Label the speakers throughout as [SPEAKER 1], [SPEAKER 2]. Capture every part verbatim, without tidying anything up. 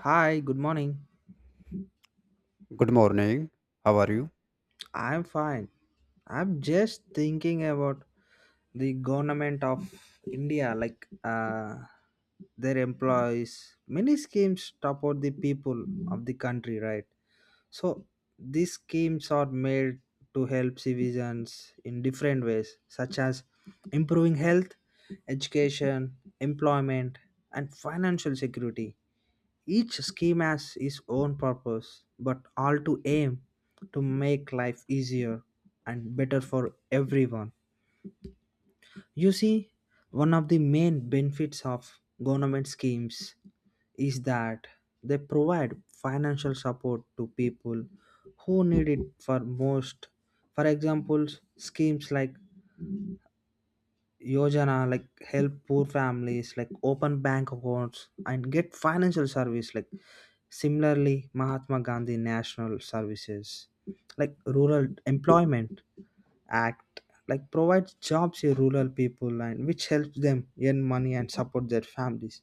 [SPEAKER 1] Hi, good morning.
[SPEAKER 2] Good morning. How are you?
[SPEAKER 1] I'm fine. I'm just thinking about the government of India, like uh, their employees. Many schemes support the people of the country, right? So these schemes are made to help citizens in different ways, such as improving health, education, employment, and financial security. Each scheme has its own purpose, but all to aim to make life easier and better for everyone. You see, one of the main benefits of government schemes is that they provide financial support to people who need it for most. For example, schemes like Yojana like help poor families like open bank accounts and get financial service like Similarly, Mahatma Gandhi National Services, like Rural Employment Act, like provides jobs to rural people and which helps them earn money and support their families.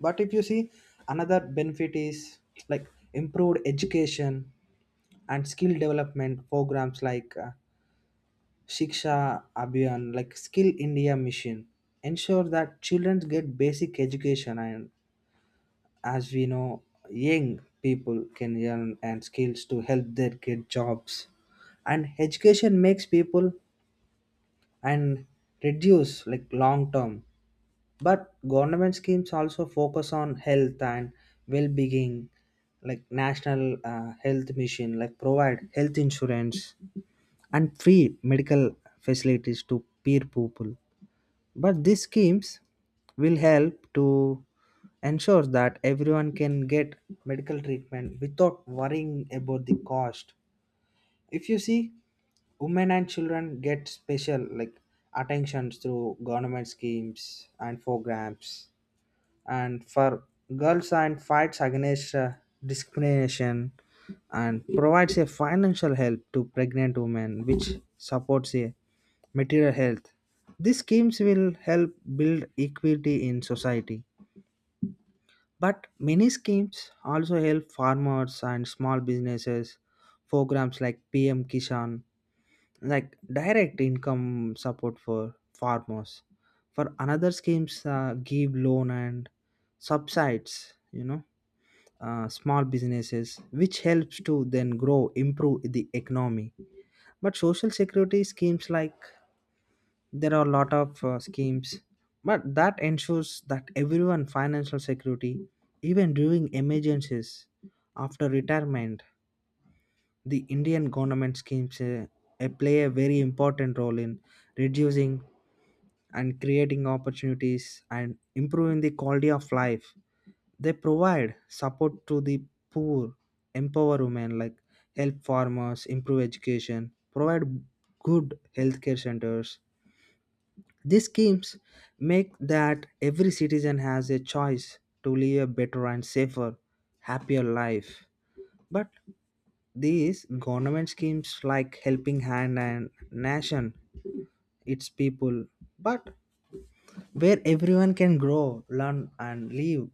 [SPEAKER 1] But if you see, another benefit is like improved education and skill development programs like uh, Shiksha Abhiyan, like Skill India Mission, ensure that children get basic education and as we know, young people can learn and skills to help their get jobs. And education makes people and reduce like long term. But government schemes also focus on health and well-being, like national uh, health mission, like provide health insurance and free medical facilities to peer people but these schemes will help to ensure that everyone can get medical treatment without worrying about the cost. If you see, women and children get special like attentions through government schemes and programs. And for girls and fights against uh, discrimination and provides a financial help to pregnant women which supports a material health. These schemes will help build equity in society. But many schemes also help farmers and small businesses. Programs like P M Kishan, like direct income support for farmers. For another schemes, uh, give loan and subsides. You know, uh, small businesses, which helps to then grow, improve the economy. But social security schemes like there are a lot of uh, schemes but that ensures that everyone financial security even during emergencies after retirement the Indian government schemes uh, uh, play a very important role in reducing and creating opportunities and improving the quality of life. They provide support to the poor, empower women, like help farmers, improve education, provide good healthcare centers. These schemes make that every citizen has a choice to live a better and safer, happier life. But these government schemes like Helping Hand and Nation, its people, but where everyone can grow, learn, and live.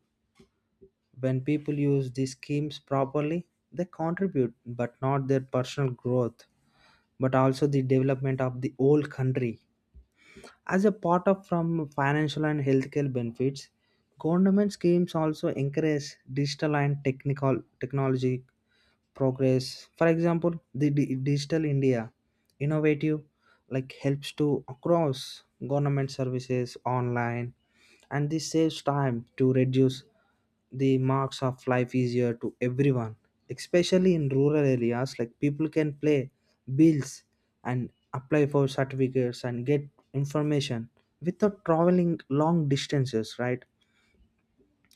[SPEAKER 1] When people use these schemes properly, they contribute, but not their personal growth, but also the development of the whole country. As a part of from financial and healthcare benefits, government schemes also encourage digital and technical technology progress. For example, the di- digital India innovative like helps to across government services online, and this saves time to reduce the marks of life easier to everyone, especially in rural areas like people can play bills and apply for certificates and get information without traveling long distances, right?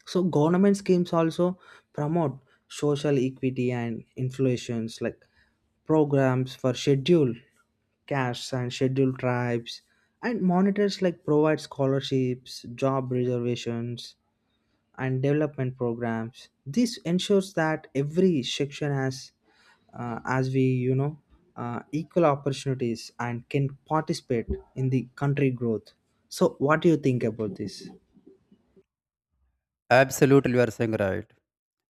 [SPEAKER 1] So government schemes also promote social equity and influence like programs for scheduled castes and scheduled tribes and monitors like provide scholarships, job reservations, and development programs. This ensures that every section has uh, as we you know uh, equal opportunities and can participate in the country growth. So what do you think about this?
[SPEAKER 2] Absolutely, you are saying right.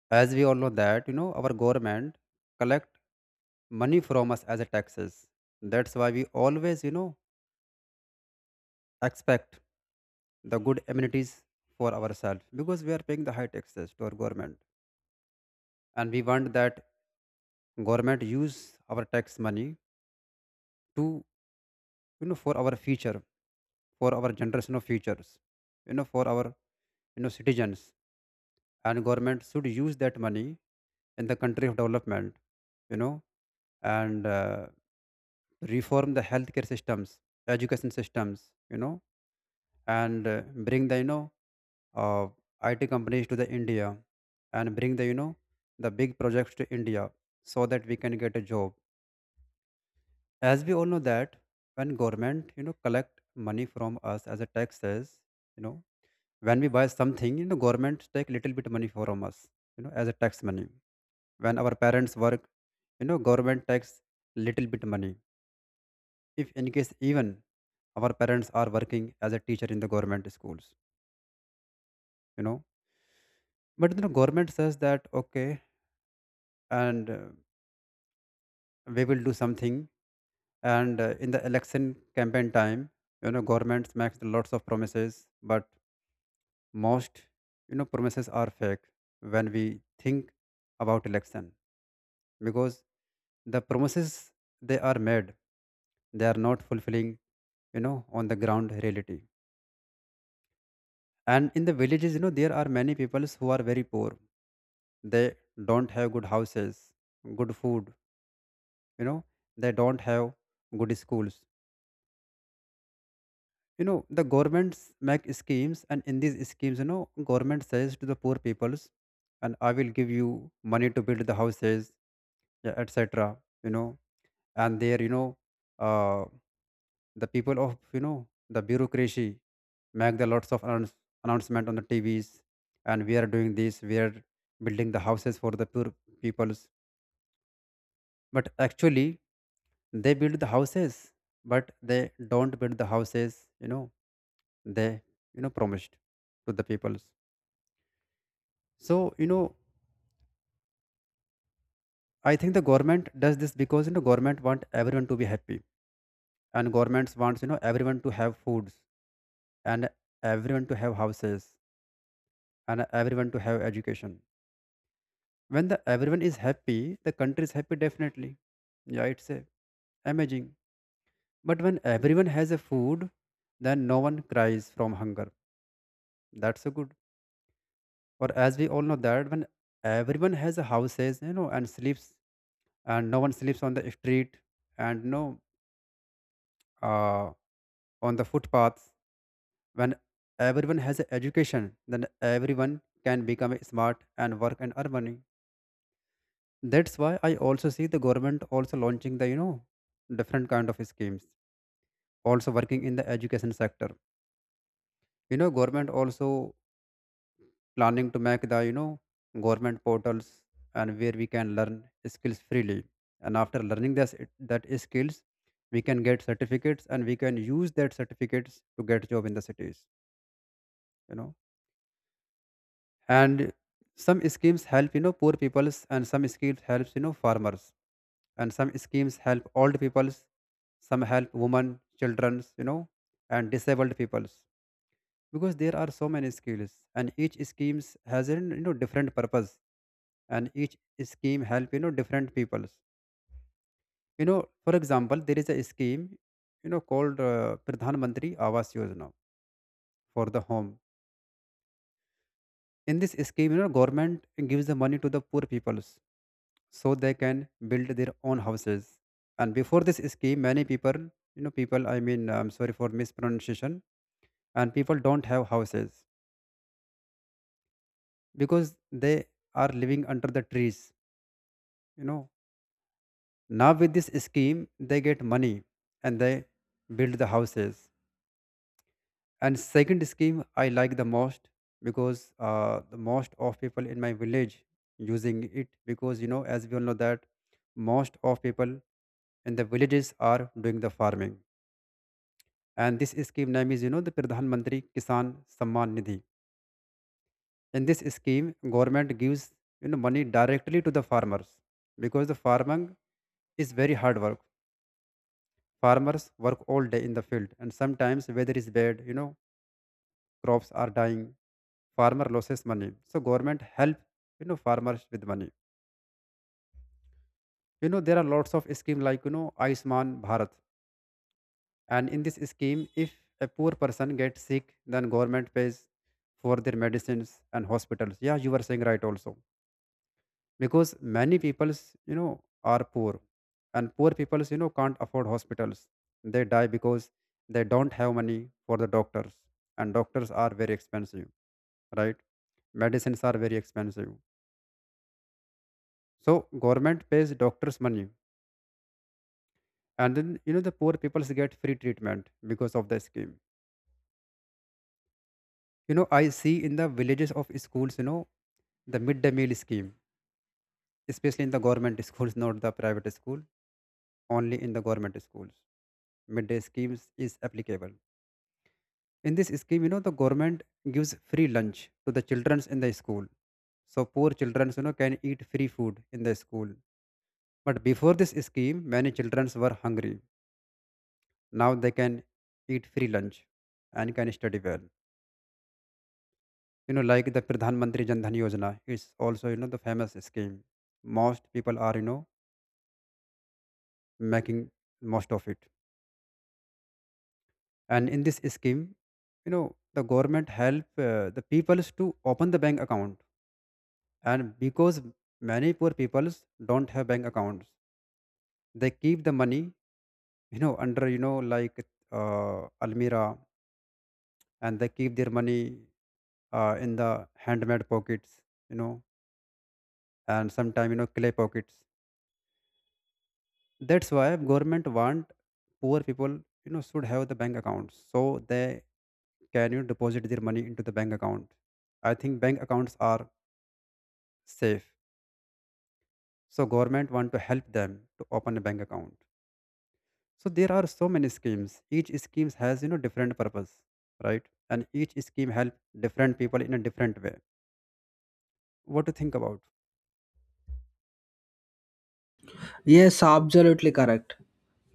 [SPEAKER 2] As we all know that, you know, our government collect money from us as a taxes. That's why we always, you know, expect the good amenities for ourselves because we are paying the high taxes to our government, and we want that government use our tax money to, you know, for our future, for our generation of futures, you know, for our you know citizens. And government should use that money in the country of development, you know and uh, reform the healthcare systems, education systems, you know and uh, bring the you know uh, it companies to the India, and bring the you know the big projects to India so that we can get a job. As we all know that when government you know collect money from us as a taxes, you know when we buy something, you know government take little bit money from us, you know as a tax money. When our parents work, you know government takes little bit money. If in case even our parents are working as a teacher in the government schools, you know but then the government says that okay, and uh, we will do something, and uh, in the election campaign time, you know governments makes lots of promises. But most, you know promises are fake when we think about election, because the promises they are made, they are not fulfilling, you know on the ground reality. And in the villages, you know, there are many peoples who are very poor. They don't have good houses, good food, you know, they don't have good schools. You know, the governments make schemes, and in these schemes, you know, government says to the poor peoples, and I will give you money to build the houses, yeah, et cetera. You know, and there, you know, uh, the people of you know the bureaucracy make the lots of announce, announcement on the T Vs, and we are doing this, we are building the houses for the poor peoples. But actually they build the houses, but they don't build the houses, you know they you know promised to the peoples. So, you know I think the government does this because, you know government want everyone to be happy, and governments wants you know everyone to have foods, and everyone to have houses, and everyone to have education. When the everyone is happy, the country is happy, definitely. Yeah, it's a, amazing. But when everyone has a food, then no one cries from hunger. That's so good. Or as we all know that when everyone has a houses, you know and sleeps, and no one sleeps on the street, and no uh, on the footpaths. When everyone has a education, then everyone can become a smart and work and earn money. That's why I also see the government also launching the you know different kind of schemes, also working in the education sector. you know government also planning to make the you know government portals, and where we can learn skills freely. And after learning this, that skills, we can get certificates, and we can use that certificates to get job in the cities, you know and some schemes help you know poor peoples, and some schemes helps you know farmers, and some schemes help old peoples, some help women children's, you know and disabled peoples. Because there are so many skills, and each schemes has a you know different purpose, and each scheme help you know different peoples. you know for example, there is a scheme, you know called uh, Pradhan Mantri Awas Yojana for the home. In this scheme, you know government gives the money to the poor peoples so they can build their own houses. And before this scheme, many people, you know people I mean, I'm sorry for mispronunciation, and people don't have houses because they are living under the trees, you know Now with this scheme, they get money and they build the houses. And second scheme I like the most, because uh, the most of people in my village using it, because you know as we all know that most of people in the villages are doing the farming. And this scheme name is you know the Pradhan Mantri Kisan Samman Nidhi. In this scheme, government gives you know money directly to the farmers, because the farming is very hard work. Farmers work all day in the field, and sometimes weather is bad. You know, crops are dying. Farmer loses money, so government help you know farmers with money. You know there are lots of scheme like, you know Ayushman Bharat, and in this scheme, if a poor person gets sick, then government pays for their medicines and hospitals. Yeah, you were saying right also, because many peoples, you know are poor, and poor peoples, you know can't afford hospitals. They die because they don't have money for the doctors, and doctors are very expensive, right? Medicines are very expensive. So government pays doctors money, and then, you know the poor peoples get free treatment because of the scheme. You know, I see in the villages of schools, you know the midday meal scheme, especially in the government schools, not the private school. Only in the government schools, midday schemes is applicable. In this scheme, you know, the government gives free lunch to the children in the school. So poor children, you know, can eat free food in the school. But before this scheme, many children were hungry. Now they can eat free lunch and can study well. You know, like the Pradhan Mantri Jan Dhan Yojana is also, you know, the famous scheme. Most people are, you know, making most of it. And in this scheme, you know, the government help uh, the peoples to open the bank account. And because many poor people don't have bank accounts, they keep the money, you know under you know like uh, almira, and they keep their money uh, in the handmade pockets, you know and sometimes, you know clay pockets. That's why government want poor people, you know should have the bank accounts so they can, you know, deposit their money into the bank account. I think bank accounts are safe, so government want to help them to open a bank account. So there are so many schemes, each scheme has you know different purpose, right? And each scheme help different people in a different way. What to think about?
[SPEAKER 1] Yes, absolutely correct.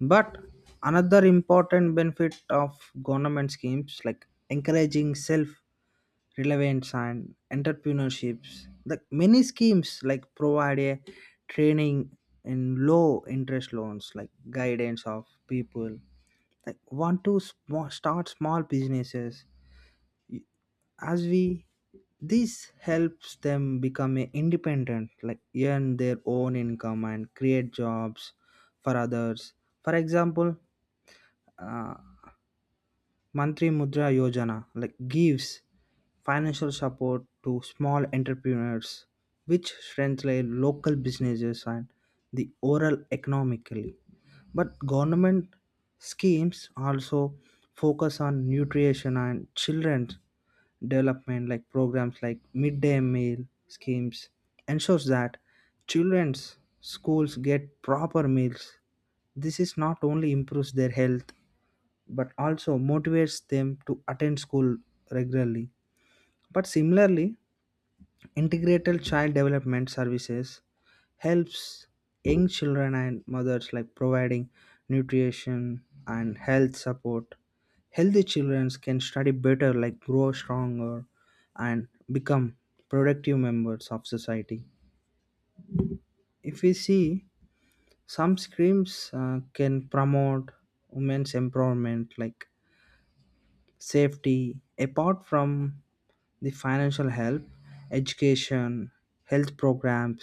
[SPEAKER 1] But another important benefit of government schemes like encouraging self reliance and entrepreneurships, like many schemes like provide a training in low interest loans, like guidance of people like want to sm- start small businesses, as we this helps them become a independent like earn their own income and create jobs for others. For example, uh, mantri mudra yojana like gives financial support to small entrepreneurs, which strengthen local businesses and the overall economically. But government schemes also focus on nutrition and children development, like programs like midday meal schemes ensures that children's schools get proper meals. This is not only improves their health but also motivates them to attend school regularly. But similarly, integrated child development services helps young children and mothers like providing nutrition and health support. Healthy children can study better, like grow stronger and become productive members of society. If we see, some schemes uh, can promote women's empowerment like safety apart from the financial help, education, health programs,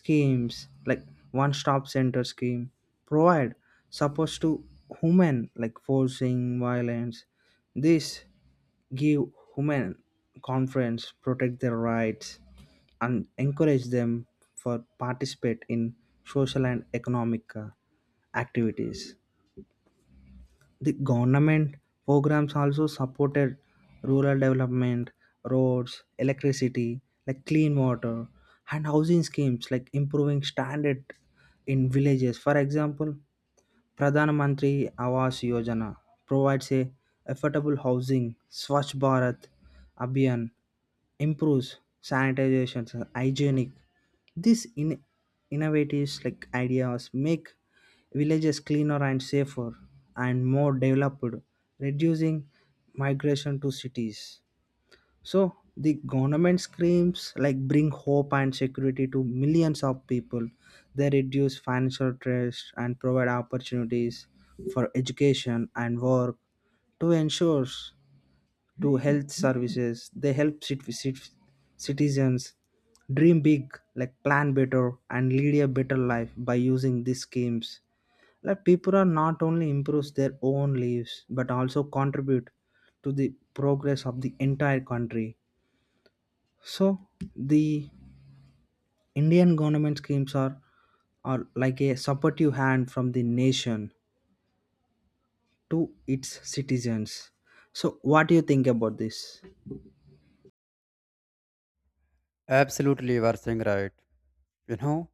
[SPEAKER 1] schemes like one stop center scheme provide support to women like forcing violence. This give women confidence, protect their rights, and encourage them for participate in social and economic uh, activities. The government programs also supported rural development, roads, electricity, like clean water and housing schemes like improving standard in villages. For example, Pradhan Mantri Awas Yojana provides a affordable housing, Swachh Bharat Abhiyan improves sanitization, hygienic. These in- innovative like ideas make villages cleaner and safer and more developed, reducing migration to cities. So the government screams like bring hope and security to millions of people. They reduce financial stress and provide opportunities for education and work to ensure to health services. They help cit- cit- citizens dream big, like plan better and lead a better life by using these schemes. Like people are not only improves their own lives but also contribute to the progress of the entire country. So the Indian government schemes are are like a supportive hand from the nation to its citizens. So what do you think about this?
[SPEAKER 2] Absolutely, you are saying right. You know,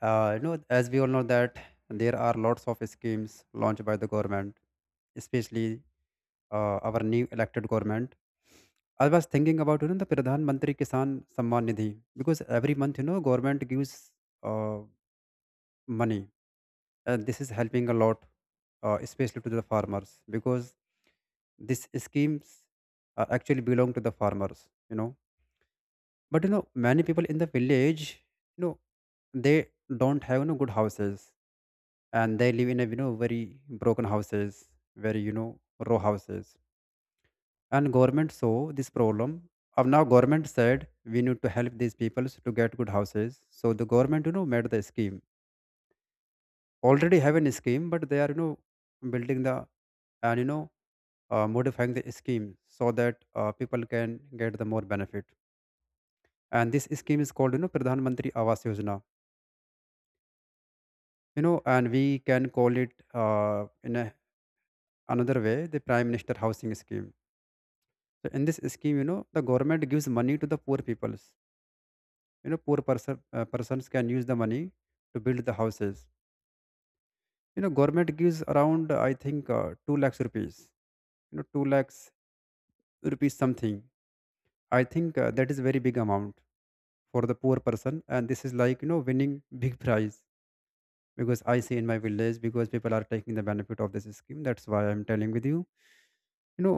[SPEAKER 2] uh, you know as we all know that there are lots of schemes launched by the government, especially uh, our new elected government. I was thinking about, you know the Pradhan Mantri Kisan Samman Nidhi, because every month, you know government gives uh, money. Uh, this is helping a lot, uh, especially to the farmers, because these schemes uh, actually belong to the farmers. You know, but, you know, many people in the village, you know, they don't have, you know, good houses, and they live in a, you know very broken houses, very, you know row houses. And government saw this problem. Of now, government said we need to help these people to get good houses. So the government, you know, made the scheme. Already have an scheme, but they are, you know building the, and you know uh, modifying the scheme so that uh, people can get the more benefit. And this scheme is called, you know, Pradhan Mantri Awas Yojana. You know, and we can call it uh, in a, another way, the Prime Minister Housing Scheme. So in this scheme, you know, the government gives money to the poor peoples. You know, poor person uh, persons can use the money to build the houses. You know, government gives around uh, I think uh, two lakhs rupees. You know, two lakhs rupees something. I think uh, that is very big amount for the poor person, and this is like you know winning big prize, because I see in my village, because people are taking the benefit of this scheme. That's why I'm telling with you. you know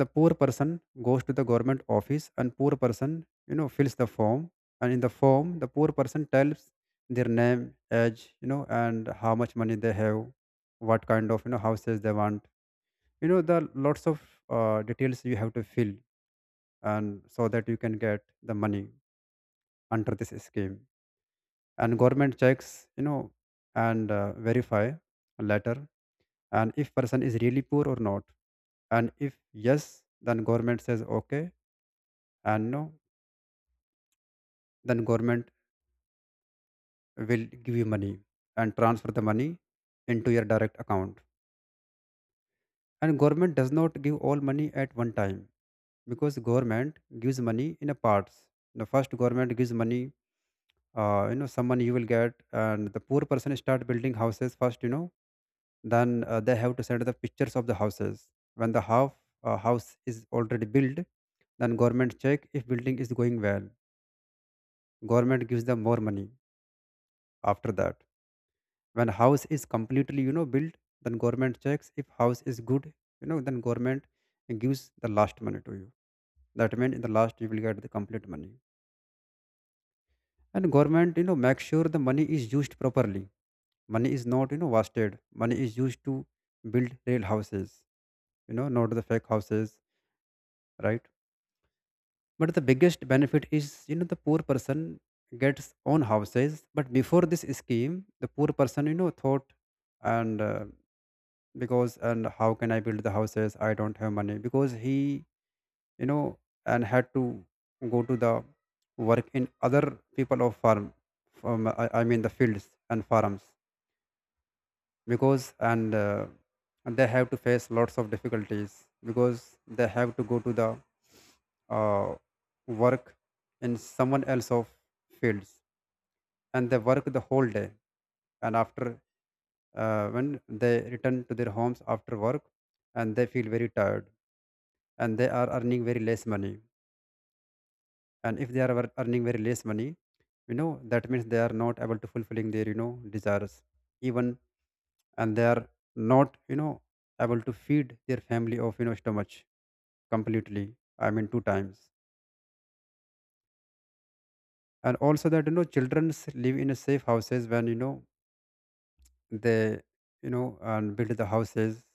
[SPEAKER 2] the poor person goes to the government office, and poor person you know fills the form. And in the form the poor person tells their name, age, you know and how much money they have, what kind of you know houses they want, you know the lots of uh, details you have to fill, and so that you can get the money under this scheme. And government checks, you know and uh, verify later, and if person is really poor or not. And if yes, then government says okay, and no, then government will give you money and transfer the money into your direct account. And government does not give all money at one time, because government gives money in a parts. The first government gives money, uh, you know someone you will get, and the poor person start building houses first. You know then uh, they have to send the pictures of the houses when the half uh, house is already built. Then government check if building is going well, government gives them more money. After that, when house is completely you know built, then government checks if house is good, you know then government gives the last money to you. That means in the last you will get the complete money. And government you know make sure the money is used properly. Money is not, you know, wasted. Money is used to build real houses, you know, not the fake houses, right? But the biggest benefit is, you know, the poor person gets own houses. But before this scheme, the poor person, you know, thought and uh, because and how can I build the houses? I don't have money, because he, you know, and had to go to the work in other people of farm, from I, I mean the fields and farms, because and, uh, and they have to face lots of difficulties, because they have to go to the uh, work in someone else of fields. And they work the whole day, and after uh, when they return to their homes after work, and they feel very tired, and they are earning very less money. And if they are ear- earning very less money, you know that means they are not able to fulfilling their you know desires even. And they are not, you know able to feed their family of you know stomach completely, I mean two times. And also that you know children live in a safe houses when you know they, you know and build the houses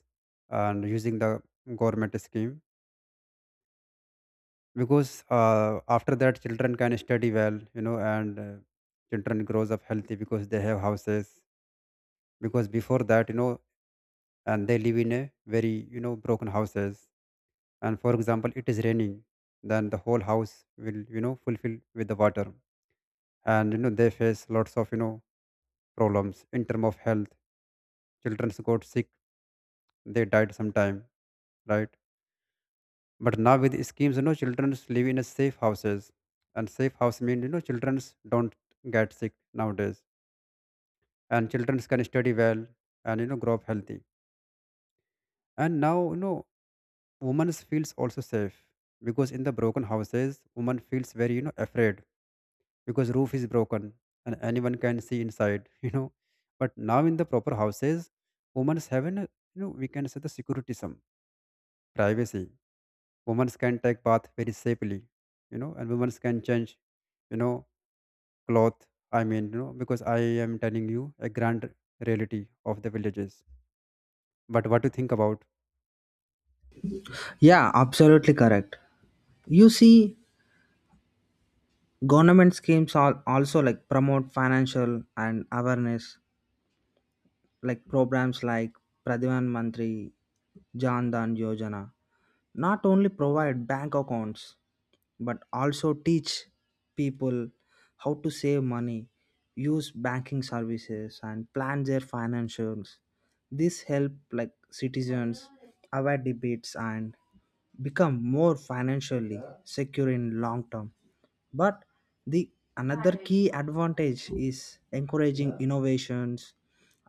[SPEAKER 2] and using the government scheme, because uh, after that children can study well, you know and uh, children grows up healthy because they have houses. Because before that, you know and they live in a very you know broken houses. And for example, it is raining, then the whole house will you know fulfill with the water. And you know they face lots of you know problems in term of health. Children got sick, they died sometime, right? But now with the schemes, you know children live in a safe houses. And safe house mean you know children don't get sick nowadays. And children can study well and you know grow up healthy. And now you know women feels also safe, because in the broken houses woman feels very you know afraid, because roof is broken and anyone can see inside you know but now in the proper houses, women have an uh, you know we can say the security, some privacy. Women can take bath very safely, you know and women can change, you know cloth. I mean, you know because I am telling you a grand reality of the villages. But what do you think about
[SPEAKER 1] Yeah, absolutely correct. You see, government schemes are also like promote financial and awareness, like programs like Pradhan Mantri, Jan Dhan Yojana. Not only provide bank accounts, but also teach people how to save money, use banking services, and plan their financials. This help like citizens avoid debates and become more financially secure in long term. But the another key advantage is encouraging innovations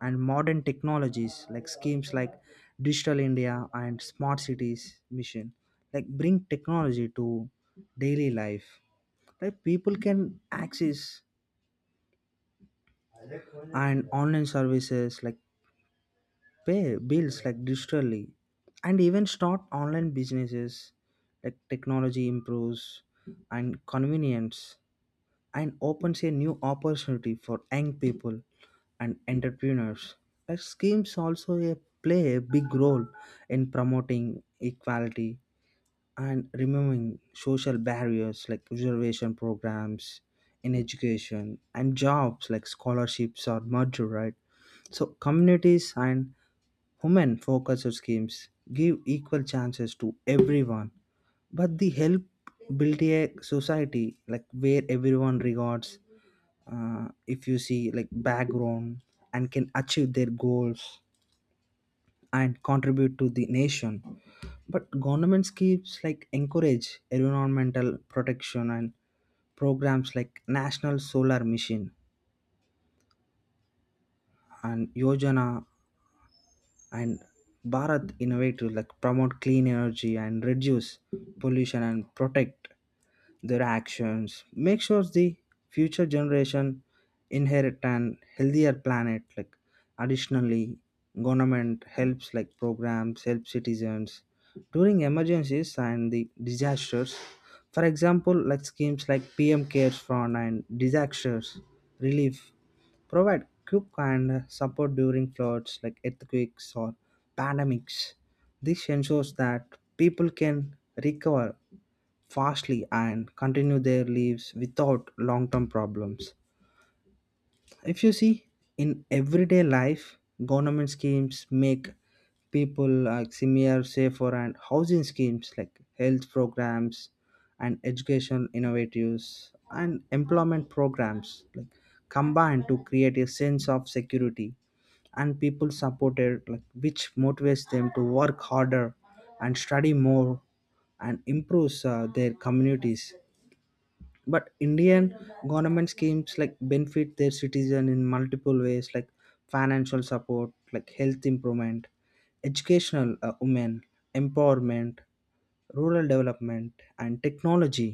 [SPEAKER 1] and modern technologies like schemes like digital India and smart cities mission like bring technology to daily life like people can access and online services like pay bills like digitally and even start online businesses. Like technology improves and convenience and opens a new opportunity for young people and entrepreneurs. Like schemes also a, play a big role in promoting equality and removing social barriers like reservation programs in education and jobs like scholarships or merger, right? So communities and women focused schemes give equal chances to everyone, but they help build a society like where everyone regards uh, if you see like background and can achieve their goals and contribute to the nation. But government schemes like encourage environmental protection and programs like National Solar Mission and Yojana and Bharat innovate to like promote clean energy and reduce pollution and protect their actions make sure the future generation inherit an healthier planet. Like additionally, government helps like programs help citizens during emergencies and the disasters. For example, like schemes like PM cares fund and disasters relief provide quick and support during floods like earthquakes or pandemics. This ensures that people can recover fastly and continue their lives without long term problems. If you see, in everyday life, government schemes make people like similar, safer, and housing schemes like health programs and education innovatives and employment programs like combine to create a sense of security and people supported like which motivates them to work harder and study more and improves uh, their communities. But Indian government schemes like benefit their citizen in multiple ways, like financial support like health improvement, educational uh, women empowerment, rural development, and technology.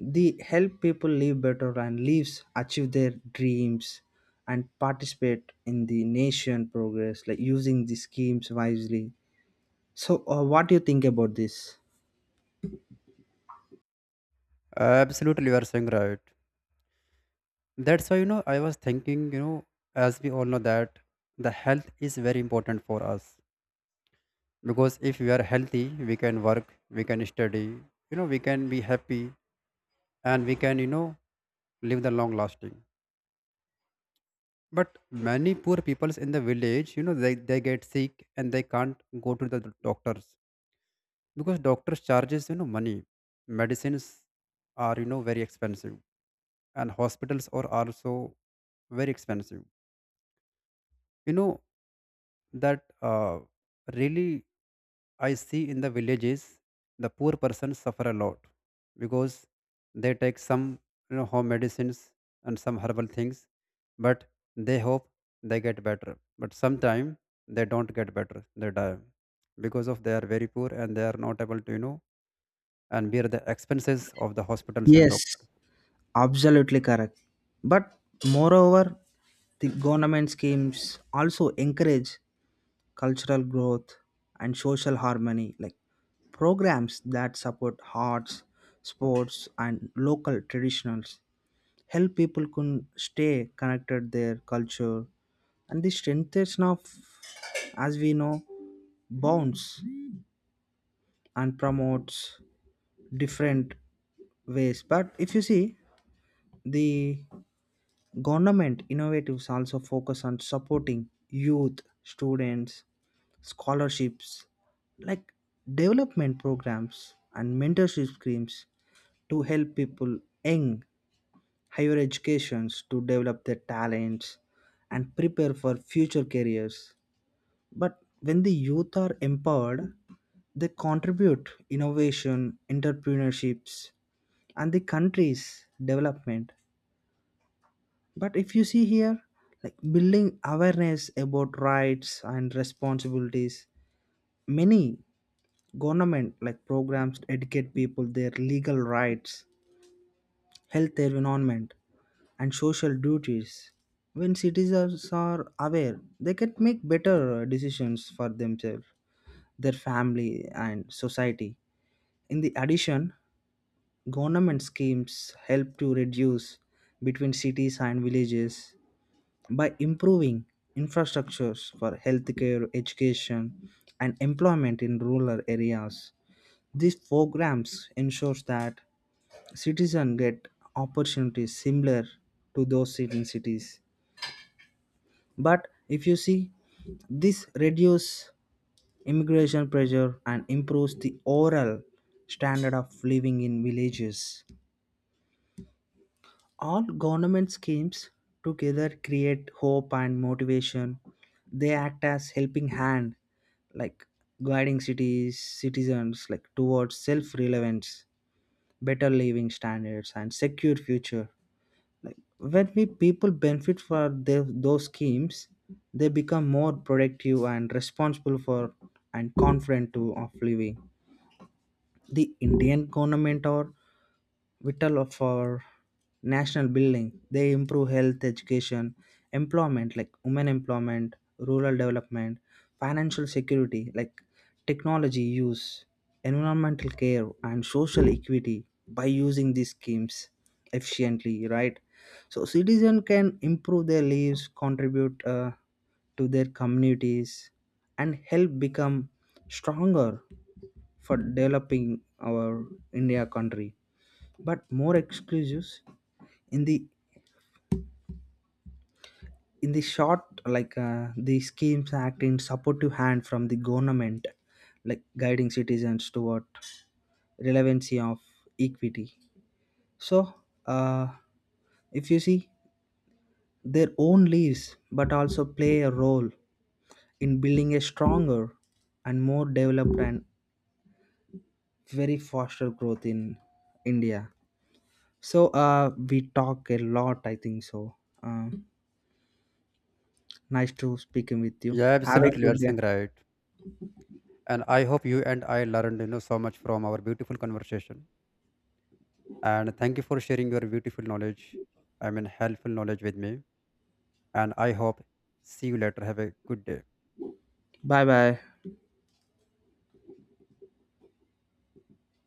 [SPEAKER 1] They help people live better and lives achieve their dreams and participate in the nation progress like using the schemes wisely. So uh, what do you think about this?
[SPEAKER 2] absolutely you are saying right? That's why you know I was thinking, you know as we all know that the health is very important for us. Because if we are healthy, we can work, we can study, you know we can be happy, and we can, you know live the long lasting. But many poor peoples in the village, you know they, they get sick and they can't go to the doctors, because doctors charges you know money, medicines are you know very expensive, and hospitals are also very expensive, you know that uh, really. I see in the villages, the poor persons suffer a lot, because they take some you know home medicines and some herbal things. But they hope they get better, but sometimes they don't get better, they die because of they are very poor and they are not able to, you know and bear the expenses of the hospitals and
[SPEAKER 1] Yes,
[SPEAKER 2] doctors.
[SPEAKER 1] absolutely correct. But moreover, the government schemes also encourage cultural growth and social harmony, like programs that support arts, sports, and local traditionals. Help people can stay connected their culture, and the strengthening of, as we know, bonds and promotes different ways. But if you see the government innovatives also focus on supporting youth, students, scholarships, like development programs and mentorship schemes to help people in higher educations to develop their talents and prepare for future careers. But when the youth are empowered, they contribute innovation, entrepreneurships, and the country's development. But if you see here, like building awareness about rights and responsibilities, many government like programs educate people their legal rights, health environment, and social duties. When citizens are aware, they can make better decisions for themselves, their family, and society. In the addition, government schemes help to reduce between cities and villages by improving infrastructures for healthcare, education, and employment in rural areas. These programs ensures that citizens get opportunities similar to those in cities. But if you see, this reduces immigration pressure and improves the overall standard of living in villages. All government schemes together create hope and motivation. They act as helping hand, like guiding cities citizens like towards self-relevance, better living standards and secure future, like when we people benefit for the, those schemes they become more productive and responsible for and confident to of living. The Indian government or vital for national building. They improve health, education, employment like women employment, rural development, financial security like technology use, environmental care, and social equity by using these schemes efficiently. Right, so citizen can improve their lives, contribute uh, to their communities, and help become stronger for developing our India country. But more exclusives in the in the short, like uh, the schemes act in supportive hand from the government like guiding citizens toward relevancy of equity. So uh, if you see their own leaves but also play a role in building a stronger and more developed and very faster growth in India. So uh, we talk a lot I think so. Um Nice to speaking with you.
[SPEAKER 2] Yeah,
[SPEAKER 1] Have a
[SPEAKER 2] absolutely, you are
[SPEAKER 1] good day.
[SPEAKER 2] saying right. And I hope you and I learned you know so much from our beautiful conversation. And thank you for sharing your beautiful knowledge, I mean helpful knowledge, with me. And I hope see you later, have a good day.
[SPEAKER 1] Bye bye.